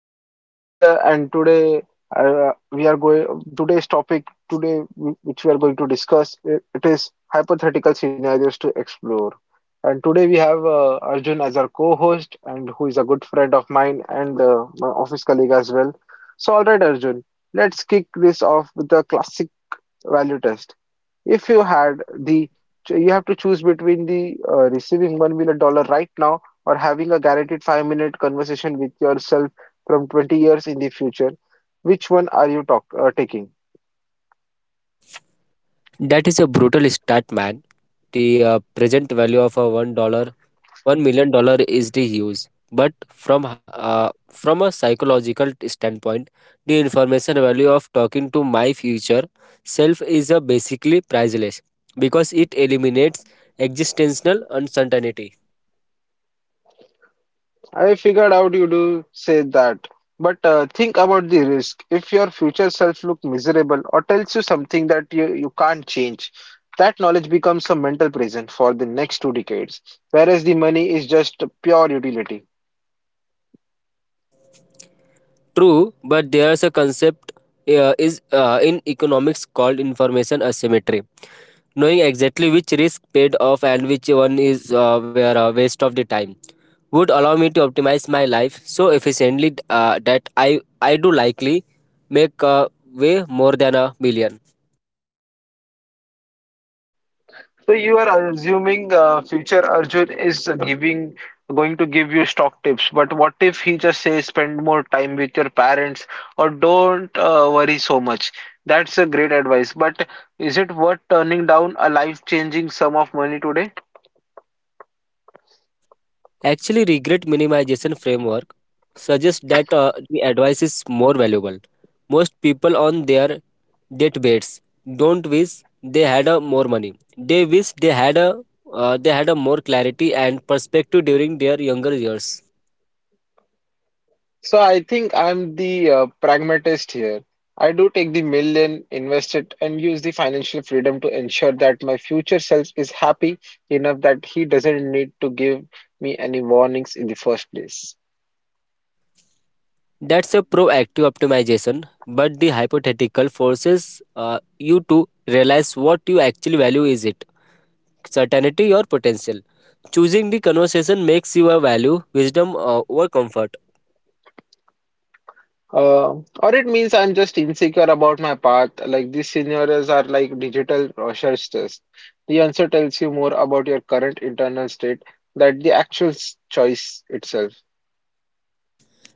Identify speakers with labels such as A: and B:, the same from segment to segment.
A: I'm Aditya, and today we are going today's topic today wh- which we are going to discuss it is hypothetical scenarios to explore. And today we have Arjun as our co-host, and who is a good friend of mine and my office colleague as well. So all right Arjun, let's kick this off with a classic value test. If you had the, You have to choose between the receiving $1 million right now or having a guaranteed 5 minute conversation with yourself from 20 years in the future, which one are you taking?
B: That is a brutal stat, man. The present value of a $1, $1 million is the huge. But from a psychological standpoint, the information value of talking to my future self is basically priceless because it eliminates existential uncertainty.
A: I figured out you do say that, but think about the risk. If your future self look miserable or tells you something that you can't change, that knowledge becomes a mental prison for the next two decades, whereas the money is just pure utility.
B: True, but there's a concept is in economics called information asymmetry. Knowing exactly which risk paid off and which one is were a waste of the time would allow me to optimize my life so efficiently that I do likely make way more than a million.
A: So you are assuming future Arjun is giving going to give you stock tips, but what if he just says spend more time with your parents or don't worry so much? That's a great advice, but is it worth turning down a life-changing sum of money today?
B: Actually, regret minimization framework suggests that the advice is more valuable. Most people on their deathbeds don't wish they had a more money. They wish they had a more clarity and perspective during their younger years.
A: So I think I'm the pragmatist here. I do take the million, invest it, and use the financial freedom to ensure that my future self is happy enough that he doesn't need to give me any warnings in the first place.
B: That's a proactive optimization, but the hypothetical forces you to realize what you actually value, is it certainty or potential. Choosing the conversation makes you a value wisdom over comfort.
A: Uh, or it means I'm just insecure about my path. Like these scenarios are like digital Rorschach test. The answer tells you more about your current internal state than the actual choice itself.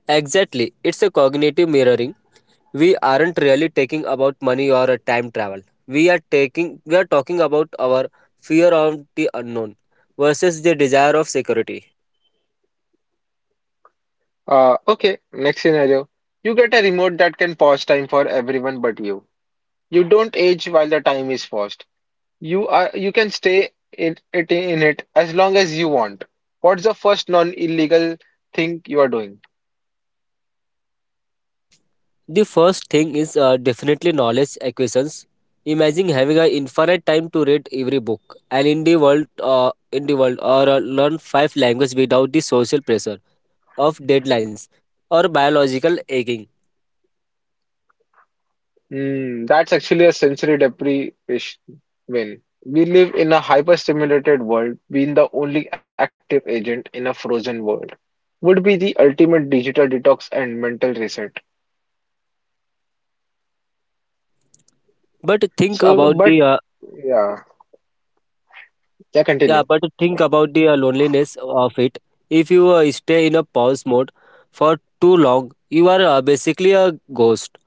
B: Exactly, it's a cognitive mirroring. We aren't really talking about money or a time travel. We are talking about our fear of the unknown versus the desire of security.
A: Okay, next scenario. You get a remote that can pause time for everyone but you. You don't age while the time is paused. You can stay in it as long as you want. What's the first non-illegal thing you are doing?
B: The first thing is definitely knowledge acquisitions. Imagine having an infinite time to read every book and in the world, or learn five languages without the social pressure of deadlines or biological aging.
A: Hmm, that's actually a sensory deprivation win. We live in a hyper-stimulated world. Being the only active agent in a frozen world would be the ultimate digital detox and mental reset.
B: But think
A: So,
B: about
A: but
B: the
A: yeah, yeah,
B: Yeah,
A: continue.
B: but think about the loneliness of it. If you stay in a pause mode for too long, you are basically a ghost.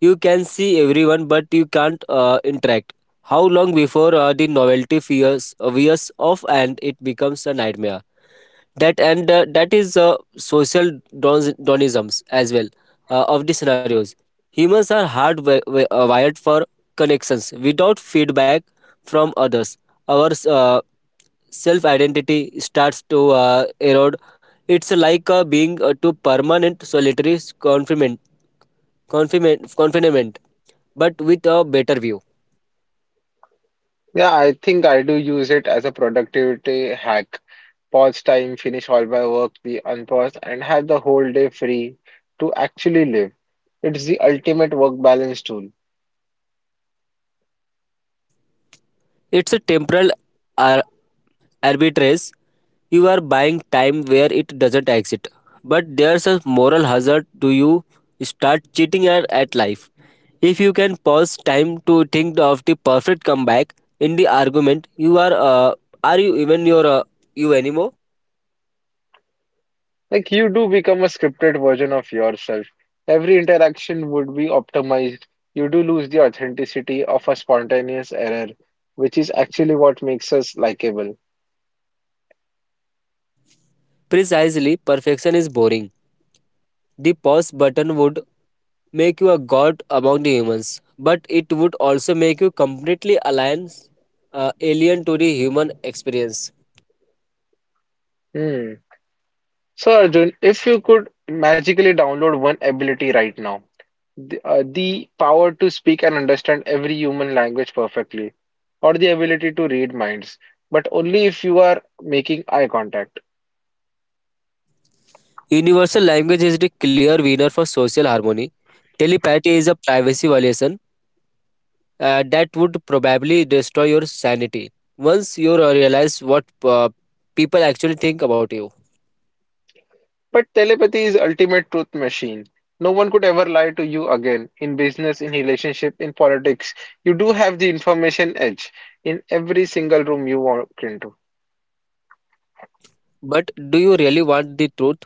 B: You can see everyone, but you can't interact. How long before the novelty fears wears off and it becomes a nightmare? That and that is social donisms as well of the scenarios. Humans are hard wired for connections. Without feedback from others, our self identity starts to erode. It's like being too permanent solitary confinement. Confinement. Confinement but with a better view.
A: Yeah, I think I do use it as a productivity hack. Pause time, finish all my work, be unpaused, and have the whole day free to actually live. It's the ultimate work balance tool.
B: It's a temporal ar- arbitrage. You are buying time where it doesn't exist. But there's a moral hazard, do you start cheating at life. If you can pause time to think of the perfect comeback in the argument, you are you even your you anymore?
A: Like you do become a scripted version of yourself. Every interaction would be optimized. You do lose the authenticity of a spontaneous error, which is actually what makes us likable.
B: Precisely, perfection is boring. The pause button would make you a god among the humans, but it would also make you completely alien, alien to the human experience.
A: Hmm. So Arjun, if you could magically download one ability right now, the power to speak and understand every human language perfectly, or the ability to read minds, but only if you are making eye contact.
B: Universal language is the clear winner for social harmony. Telepathy is a privacy violation that would probably destroy your sanity once you realize what people actually think about you.
A: But telepathy is ultimate truth machine. No one could ever lie to you again in business, in relationship, in politics. You do have the information edge in every single room you walk into.
B: But do you really want the truth?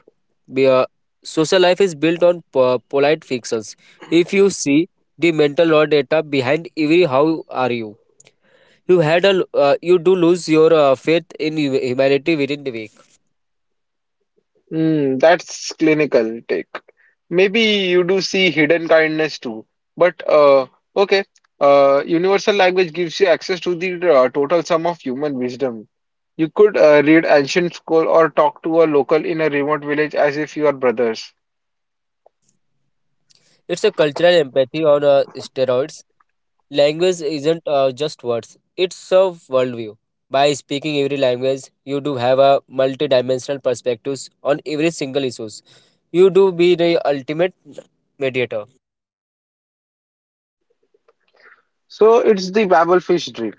B: Be- uh, Social life is built on polite fictions. If you see the mental law data behind every how are you, you do lose your faith in humanity within the week.
A: Mm, that's clinical take. Maybe you do see hidden kindness too. But okay, universal language gives you access to the total sum of human wisdom. You could read ancient scroll or talk to a local in a remote village as if you are brothers.
B: It's a cultural empathy on steroids. Language isn't just words; it's a worldview. By speaking every language, you do have a multi-dimensional perspectives on every single issues. You do be the ultimate mediator.
A: So it's the Babelfish dream.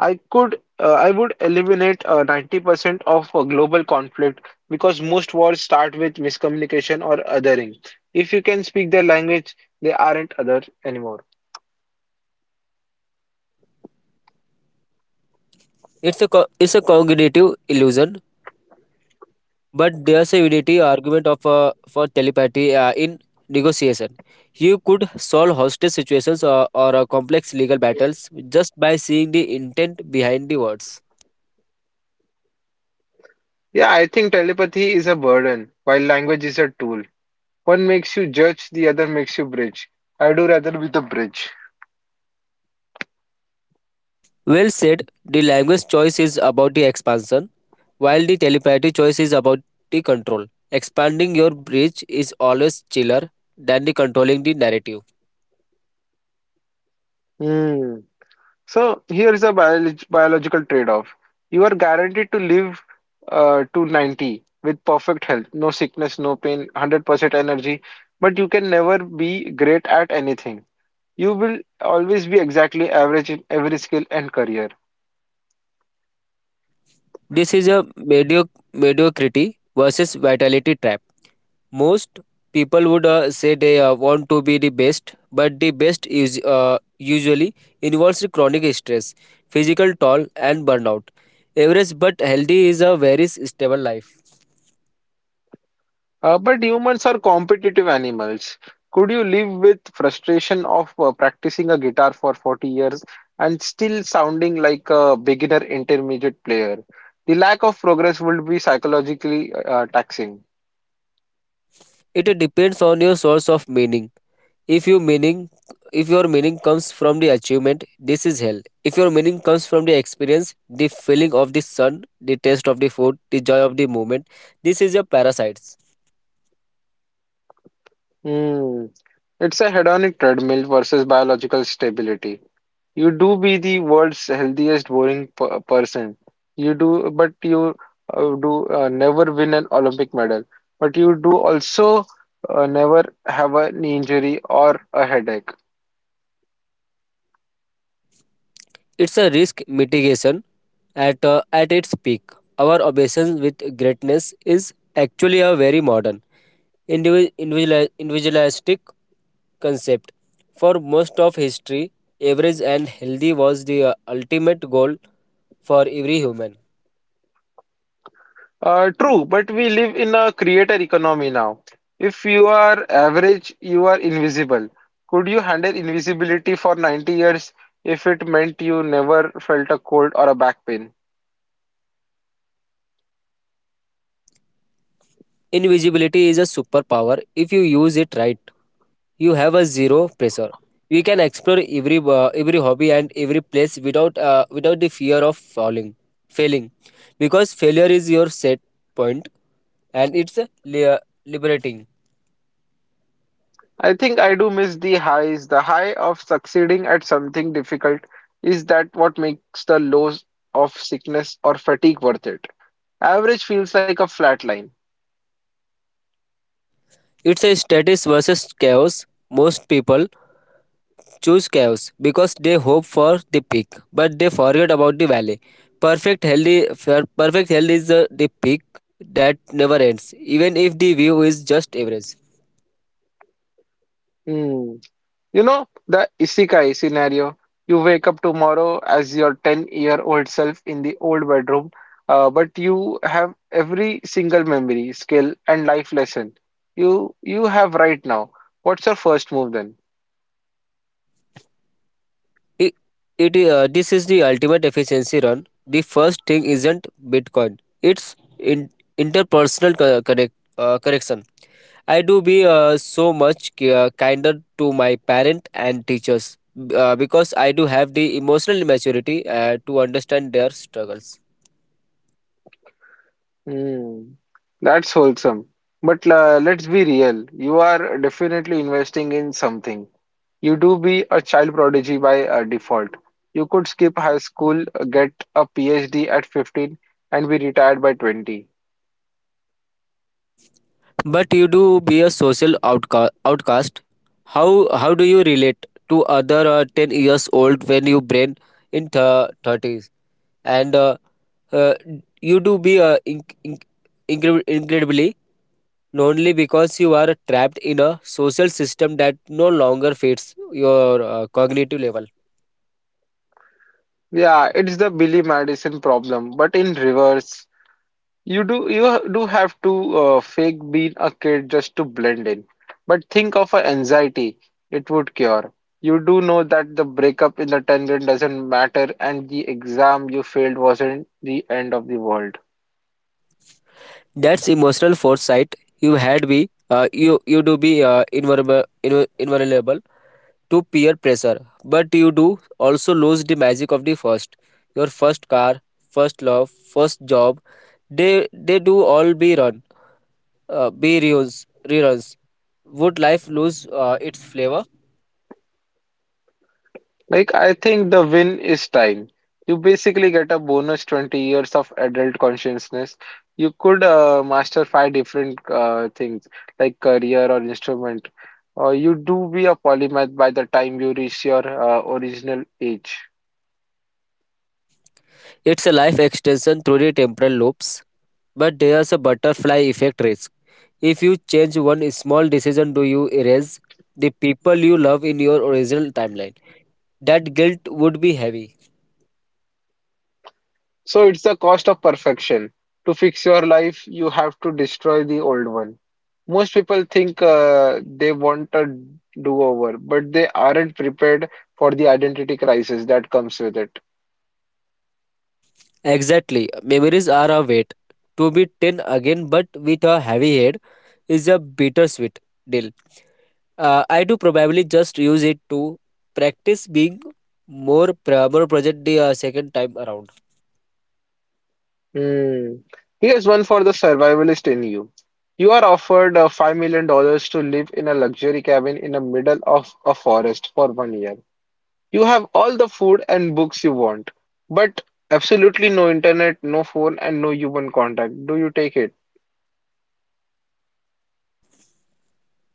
A: I would eliminate 90% of global conflict because most wars start with miscommunication or othering. If you can speak their language, they aren't other anymore.
B: It's a cognitive illusion, but there's a unity argument of for telepathy in negotiation. You could solve hostage situations, or complex legal battles just by seeing the intent behind the words.
A: Yeah, I think telepathy is a burden, while language is a tool. One makes you judge, the other makes you bridge. I do rather be the bridge.
B: Well said. The language choice is about the expansion, while the telepathy choice is about the control. Expanding your bridge is always chiller than the controlling the narrative.
A: Hmm. So here is a biological trade-off. You are guaranteed to live to 90 with perfect health, no sickness, no pain, 100% energy, but you can never be great at anything. You will always be exactly average in every skill and career.
B: This is a mediocrity versus vitality trap. Most people would say they want to be the best, but the best is usually involves chronic stress, physical toll, and burnout. Average but healthy is a very stable life.
A: But humans are competitive animals. Could you live with frustration of practicing a guitar for 40 years and still sounding like a beginner intermediate player? The lack of progress would be psychologically taxing.
B: It depends on your source of meaning. if your meaning if your meaning comes from the achievement, this is hell. If your meaning comes from the experience, the feeling of the sun, the taste of the food, the joy of the moment, this is a parasites.
A: Hmm. It's a hedonic treadmill versus biological stability. You do be the world's healthiest boring person. You do never win an Olympic medal. But you do also never have a knee injury or a headache.
B: It's a risk mitigation at its peak. Our obsession with greatness is actually a very modern, individualistic concept. For most of history, average and healthy was the ultimate goal for every human.
A: True, but we live in a creator economy now. If you are average, you are invisible. Could you handle invisibility for 90 years if it meant you never felt a cold or a back pain?
B: Invisibility is a superpower if you use it right. You have a zero pressure. You can explore every hobby and every place without without the fear of falling failing, because failure is your set point, and it's a liberating.
A: I think I do miss the highs. The high of succeeding at something difficult is that what makes the lows of sickness or fatigue worth it. Average feels like a flat line.
B: It's a status versus chaos. Most people choose chaos because they hope for the peak, but they forget about the valley. perfect healthy Perfect health is the peak that never ends, even if the view is just average.
A: Hmm. You know, the isekai scenario. You wake up tomorrow as your 10-year-old self in the old bedroom, but you have every single memory, skill, and life lesson you have right now. What's your first move then?
B: It, it This is the ultimate efficiency run. The first thing isn't Bitcoin. It's interpersonal correction. I do be so much kinder to my parent and teachers because I do have the emotional maturity to understand their struggles.
A: Hmm, that's wholesome. But let's be real. You are definitely investing in something. You do be a child prodigy by default. You could skip high school, get a PhD at 15, and be retired by 20.
B: But you do be a social outcast. How how do you relate to other 10 years old when you brain in thirties and uh, you do be incredibly lonely because you are trapped in a social system that no longer fits your cognitive level.
A: Yeah, it's the Billy Madison problem, but in reverse. You do have to fake being a kid just to blend in. But think of a anxiety it would cure. You do know that the breakup in the 10th grade doesn't matter and the exam you failed wasn't the end of the world.
B: That's emotional foresight. You you do be invulnerable to peer pressure, but you do also lose the magic of the first, your first car, first love, first job. They do all be run, be reruns, reruns. Would life lose its flavor?
A: Like, I think the win is time. You basically get a bonus 20 years of adult consciousness. You could master five different things like career or instrument. Or you do be a polymath by the time you reach your original age.
B: It's a life extension through the temporal loops, but there's a butterfly effect risk. If you change one small decision, do you erase the people you love in your original timeline? That guilt would be heavy.
A: So it's the cost of perfection. To fix your life, you have to destroy the old one. Most people think they want a do-over, but they aren't prepared for the identity crisis that comes with it.
B: Exactly. Memories are a weight. To be 10 again, but with a heavy head, is a bittersweet deal. I do probably just use it to practice being more present the second time around.
A: Hmm. Here's one for the survivalist in you. You are offered $5 million dollars to live in a luxury cabin in the middle of a forest for 1 year. You have all the food and books you want, but absolutely no internet, no phone, and no human contact. Do you take it?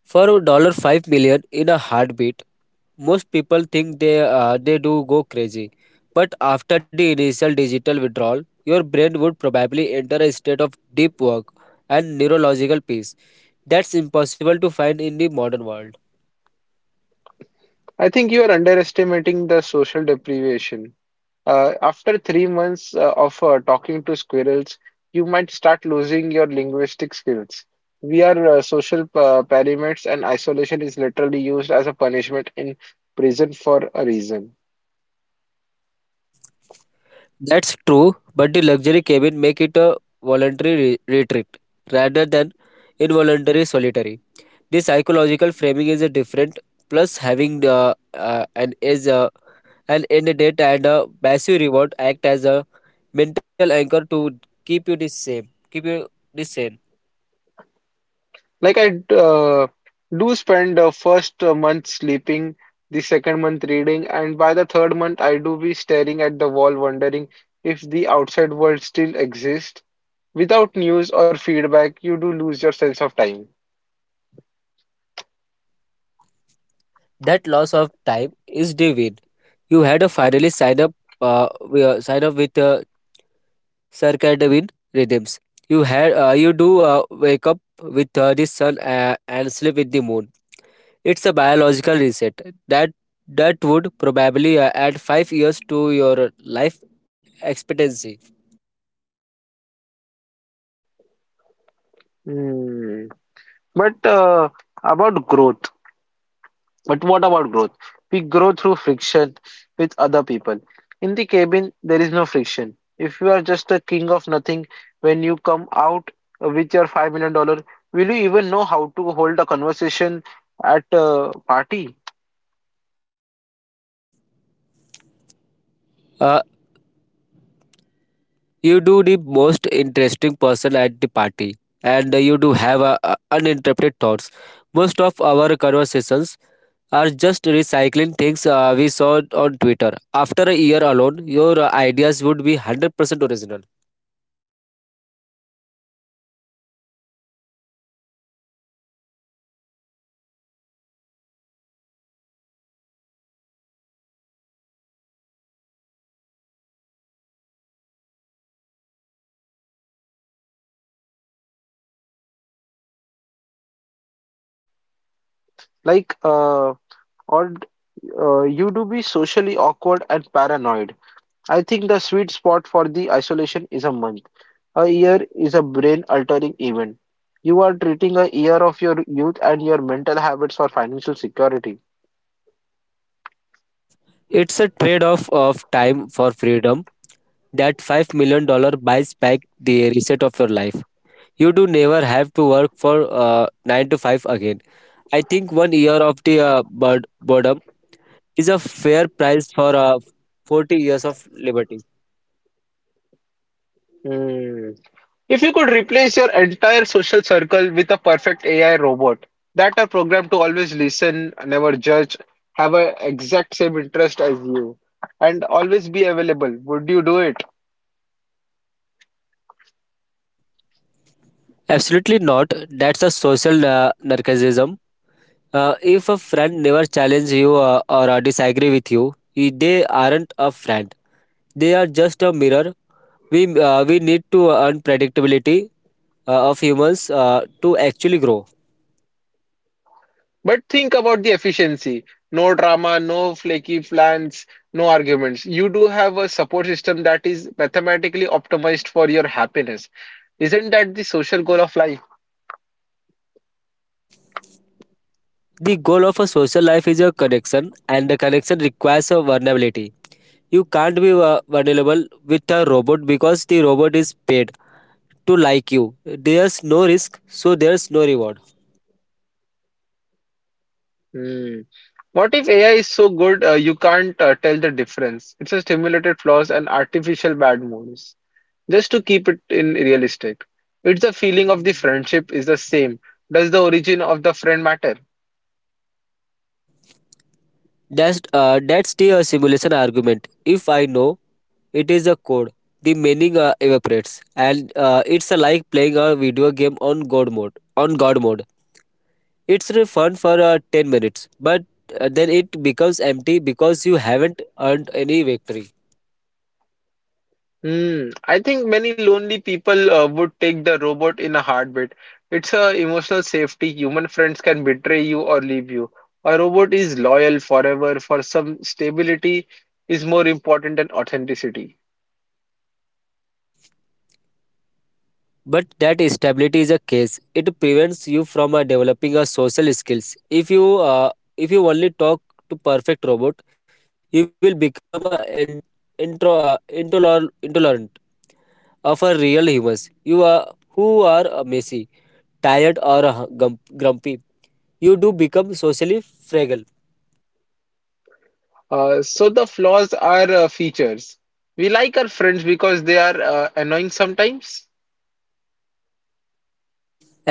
B: For $5 million in a heartbeat, most people think they do go crazy. But after the initial digital withdrawal, your brain would probably enter a state of deep work and neurological peace that's impossible to find in the modern world.
A: I think you are underestimating the social deprivation. After 3 months of talking to squirrels, you might start losing your linguistic skills. We are social pyramids, and isolation is literally used as a punishment in prison for a reason.
B: That's true, but the luxury cabin make it a voluntary retreat rather than involuntary solitary. The psychological framing is a different. Plus, having the an edge and end date and a passive reward act as a mental anchor to keep you the same, keep you the same.
A: Like, I do spend the first month sleeping, the second month reading, and by the third month, I do be staring at the wall, wondering if the outside world still exists. Without news or feedback, you do lose your sense of time.
B: That loss of time is the win. You had a finally sign up, wi- sign up with circadian rhythms. You do wake up with the sun and sleep with the moon. It's a biological reset that would probably add 5 years to your life expectancy.
A: Hmm. But uh, about growth, but what about growth? We grow through friction with other people. In the cabin, there is no friction. If you are just a king of nothing, when you come out with your $5 million, will you even know how to hold a conversation at a party?
B: Uh, you do the most interesting person at the party, and you do have a, uninterrupted thoughts. Most of our conversations are just recycling things we saw on Twitter. After a year alone, your ideas would be 100% original.
A: Like, uh, or you do be socially awkward and paranoid. I think the sweet spot for the isolation is a month. A year is a brain-altering event. You are treating a year of your youth and your mental habits for financial security.
B: It's a trade-off of time for freedom, that 5 dollar buys back the reset of your life. You do never have to work for 9 to 5 again. I think 1 year of the bird boredom is a fair price for 40 years of liberty.
A: Hmm. If you could replace your entire social circle with a perfect AI robot that are programmed to always listen, never judge, have a exact same interest as you, and always be available, would you do it?
B: Absolutely not. That's a social narcissism. If a friend never challenges you or disagree with you, they aren't a friend. They are just a mirror. We need to earn predictability of humans to actually grow.
A: But think about the efficiency. No drama, no flaky plans, no arguments. You do have a support system that is mathematically optimized for your happiness. Isn't that the social goal of life?
B: The goal of a social life is a connection, and the connection requires a vulnerability. You can't be vulnerable with a robot because the robot is paid to like you. There's no risk, so there's no reward.
A: Hmm. What if AI is so good you can't tell the difference? It's a stimulated flaws and artificial bad moods. Just to keep it in realistic. It's the feeling of the friendship is the same. Does the origin of the friend matter?
B: That's the simulation argument. If I know it is a code, the meaning evaporates, and it's like playing a video game on God mode. On God mode, it's really fun for 10 minutes, but then it becomes empty because you haven't earned any victory.
A: Hmm, I think many lonely people would take the robot in a heartbeat. It's a emotional safety. Human friends can betray you or leave you. A robot is loyal forever. For some stability is more important than authenticity.
B: But that stability is a case. It prevents you from developing a social skills. If you only talk to perfect robot, you will become a intolerant of a real humans. You are who are messy, tired, or grumpy. You do become socially fragile.
A: So the flaws are features. We like our friends because they are annoying sometimes.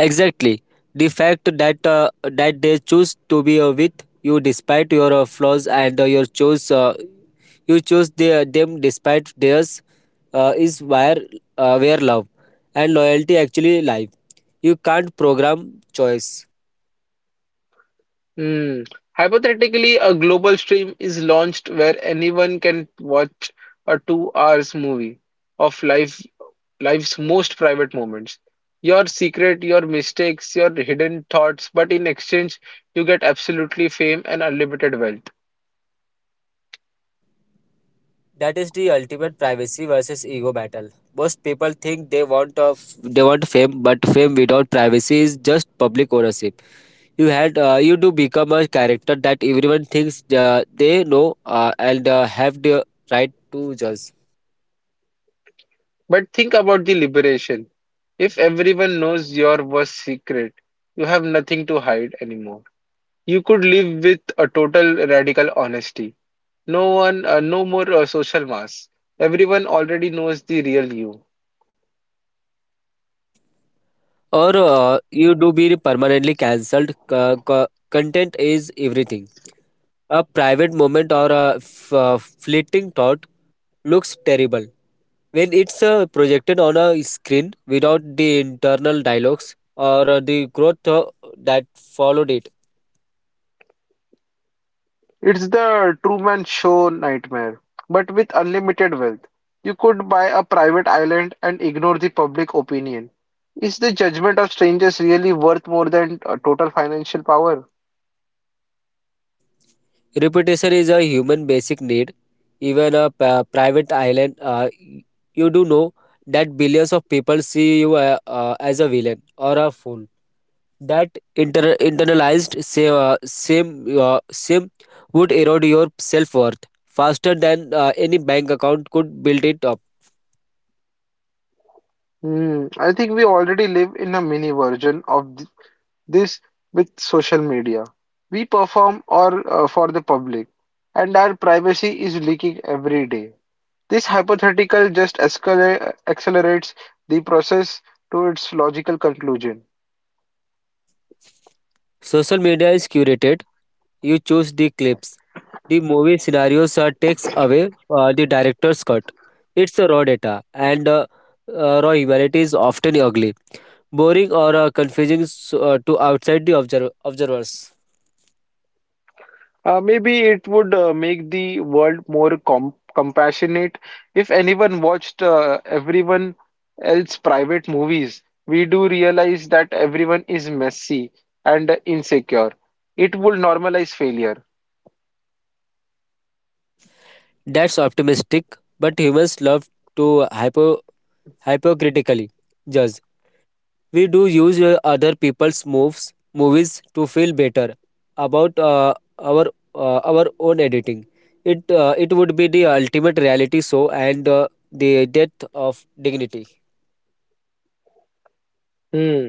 B: Exactly. The fact that they choose to be with you despite your flaws and your choice You chose their, them despite theirs is where love and loyalty actually lie. You can't program choice.
A: Hmm. Hypothetically, a global stream is launched where anyone can watch a 2 hours movie of life's most private moments. Your secret, your mistakes, your hidden thoughts, but in exchange, you get absolutely fame and unlimited wealth.
B: That is the ultimate privacy versus ego battle. Most people think they want of they want fame, but fame without privacy is just public ownership. You had You do become a character that everyone thinks they know and have the right to judge.
A: But think about the liberation. If everyone knows your worst secret, you have nothing to hide anymore. You could live with a total radical honesty. No more social mask. Everyone already knows the real you.
B: Or You do be permanently cancelled. Co- co- Content is everything. A private moment or a f- fleeting thought looks terrible when it's projected on a screen without the internal dialogues or the growth that followed it.
A: It's the Truman Show nightmare, but with unlimited wealth. You could buy a private island and ignore the public opinion. Is the judgment of strangers really worth more than total financial power?
B: Repetition is a human basic need. Even a p- private island, You do know that billions of people see you as a villain or a fool. That inter- internalized same same, same would erode your self worth faster than any bank account could build it up.
A: Hmm, I think we already live in a mini version of this with social media. We perform or for the public, and our privacy is leaking every day. This hypothetical just accelerates the process to its logical conclusion.
B: Social media is curated. You choose the clips. The movie scenarios are takes away the director's cut. It's a raw data, and raw humanity is often ugly, boring, or confusing s- to outside the observ- observers.
A: Maybe it would make the world more compassionate if anyone watched everyone else private movies. We do realize that everyone is messy and insecure. It would normalize failure.
B: That's optimistic, but humans love to hyper hypocritically judge. We do use other people's moves, movies to feel better about our own editing. It It would be the ultimate reality show and the death of dignity.
A: Hmm.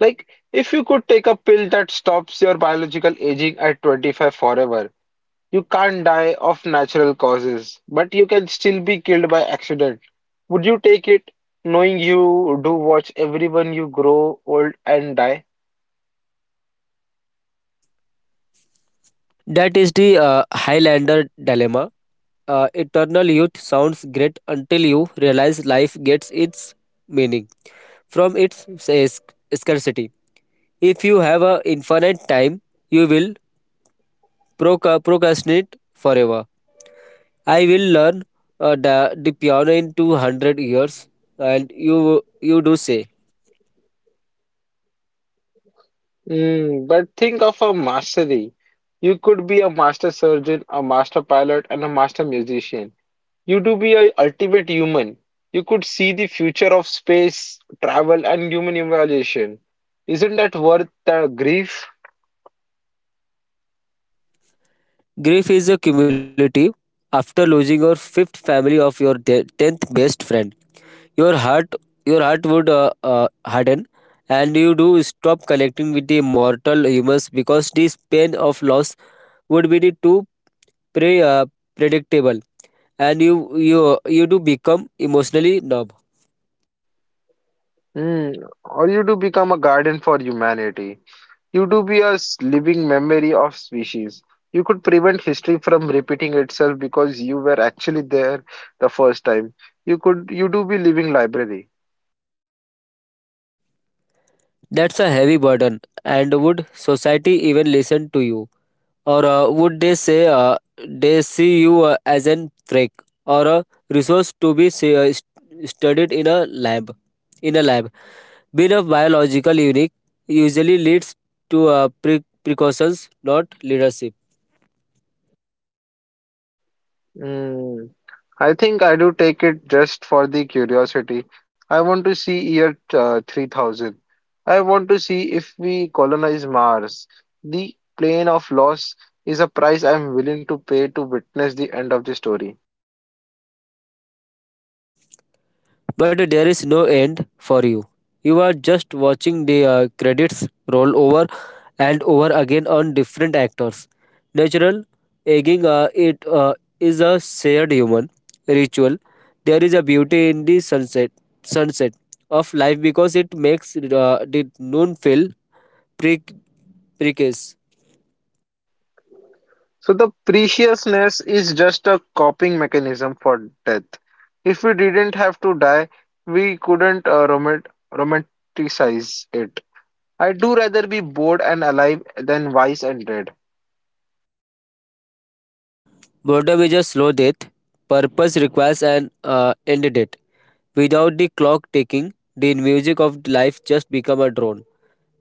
A: Like, if you could take a pill that stops your biological aging at 25 forever, you can't die of natural causes, but you can still be killed by accident. Would you take it knowing you do watch everyone you grow old and die?
B: That is the Highlander dilemma. Eternal youth sounds great until you realize life gets its meaning from its s- scarcity. If you have a infinite time, you will procrastinate forever. I will learn the piano in 200 years. And you do say,
A: Mm, but think of a mastery. You could be a master surgeon, a master pilot, and a master musician. You do be a ultimate human. You could see the future of space, travel, and human evolution. Isn't that worth the grief?
B: grief is a cumulative. After losing your fifth family of your tenth best friend, your heart, your heart would harden, and you do stop connecting with the mortal humans because this pain of loss would be the too pre- uh, predictable, and you do become emotionally numb.
A: Mm, or you do become a guardian for humanity. You do be a living memory of species. You could prevent history from repeating itself because you were actually there the first time. You do be living library.
B: That's a heavy burden, and would society even listen to you? Or would they say They see you as an freak or a resource to be studied in a lab. In a lab, being a biological unique usually leads to precautions, not leadership.
A: Mm. I think I do take it just for the curiosity. I want to see year 3000. I want to see if we colonize Mars. The plane of loss is a price I'm willing to pay to witness the end of the story.
B: But there is no end for you. You are just watching the credits roll over and over again on different actors. Natural aging it is a shared human ritual. There is a beauty in the sunset of life because it makes the noon feel pre- precarious.
A: So the preciousness is just a coping mechanism for death. If we didn't have to die, we couldn't romanticize it. I do rather be bored and alive than wise and dead.
B: Boredom is a slow death. Purpose requires an end date. Without the clock ticking, the music of life just become a drone.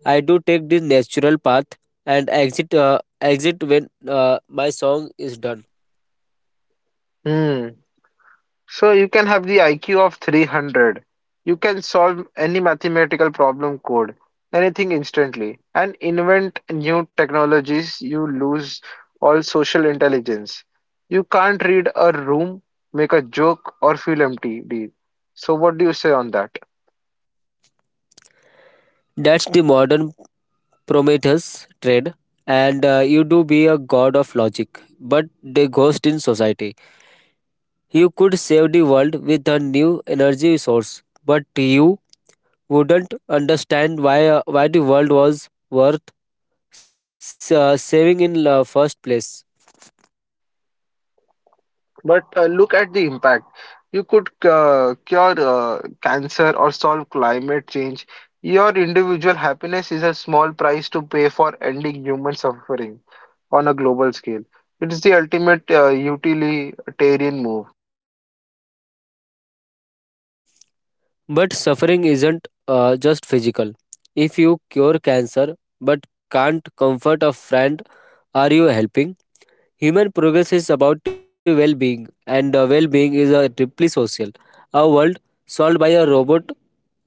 B: I do take this natural path and exit when my song is done.
A: Hmm. So you can have the IQ of 300. You can solve any mathematical problem code, anything instantly, and invent new technologies. You lose all social intelligence. You can't read a room, make a joke, or feel empty. So what do you say on that?
B: That's the modern Prometheus trade. And you do be a god of logic, but the ghost in society. You could save the world with a new energy source, but you wouldn't understand why the world was worth saving in the first place.
A: But look at the impact. You could cure cancer or solve climate change. Your individual happiness is a small price to pay for ending human suffering on a global scale. It's the ultimate utilitarian move.
B: But suffering isn't just physical. If you cure cancer but can't comfort a friend, are you helping? Human progress is about the well being, and the well being is a deeply social. A world solved by a robot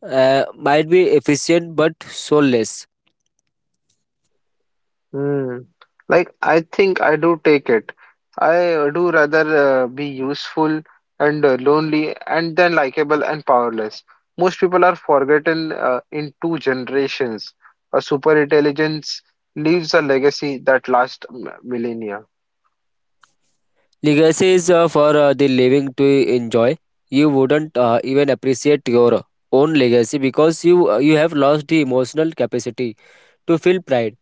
B: might be efficient but soulless.
A: Hmm. I think I do take it. I do rather be useful and lonely and then likable and powerless. Most people are forgotten in two generations. A super intelligence leaves a legacy that lasts millennia.
B: Legacy is for the living to enjoy. You wouldn't even appreciate your own legacy because you have lost the emotional capacity to feel pride.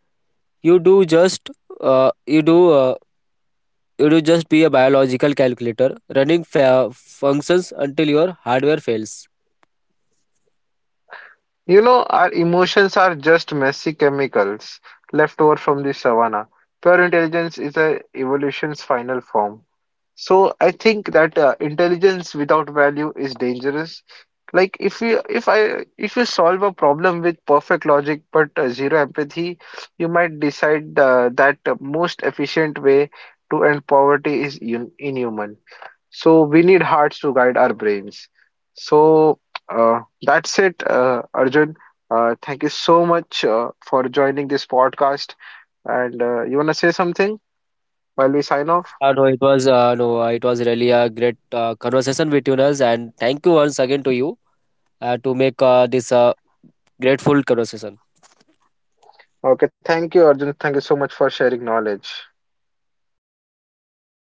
B: You do just uh, you do uh, you do just be a biological calculator running functions until your hardware fails.
A: You know, our emotions are just messy chemicals left over from the savannah. Pure intelligence is a evolution's final form. So I think that intelligence without value is dangerous. Like if you solve a problem with perfect logic but zero empathy, you might decide that the most efficient way to end poverty is un inhuman. So we need hearts to guide our brains. So that's it, Arjun. Thank you so much for joining this podcast. And you wanna say something while we sign off?
B: No, it was really a great conversation with you, Naz, and thank you once again to you to make this grateful conversation.
A: Okay, thank you, Arjun. Thank you so much for sharing knowledge.
B: You're welcome.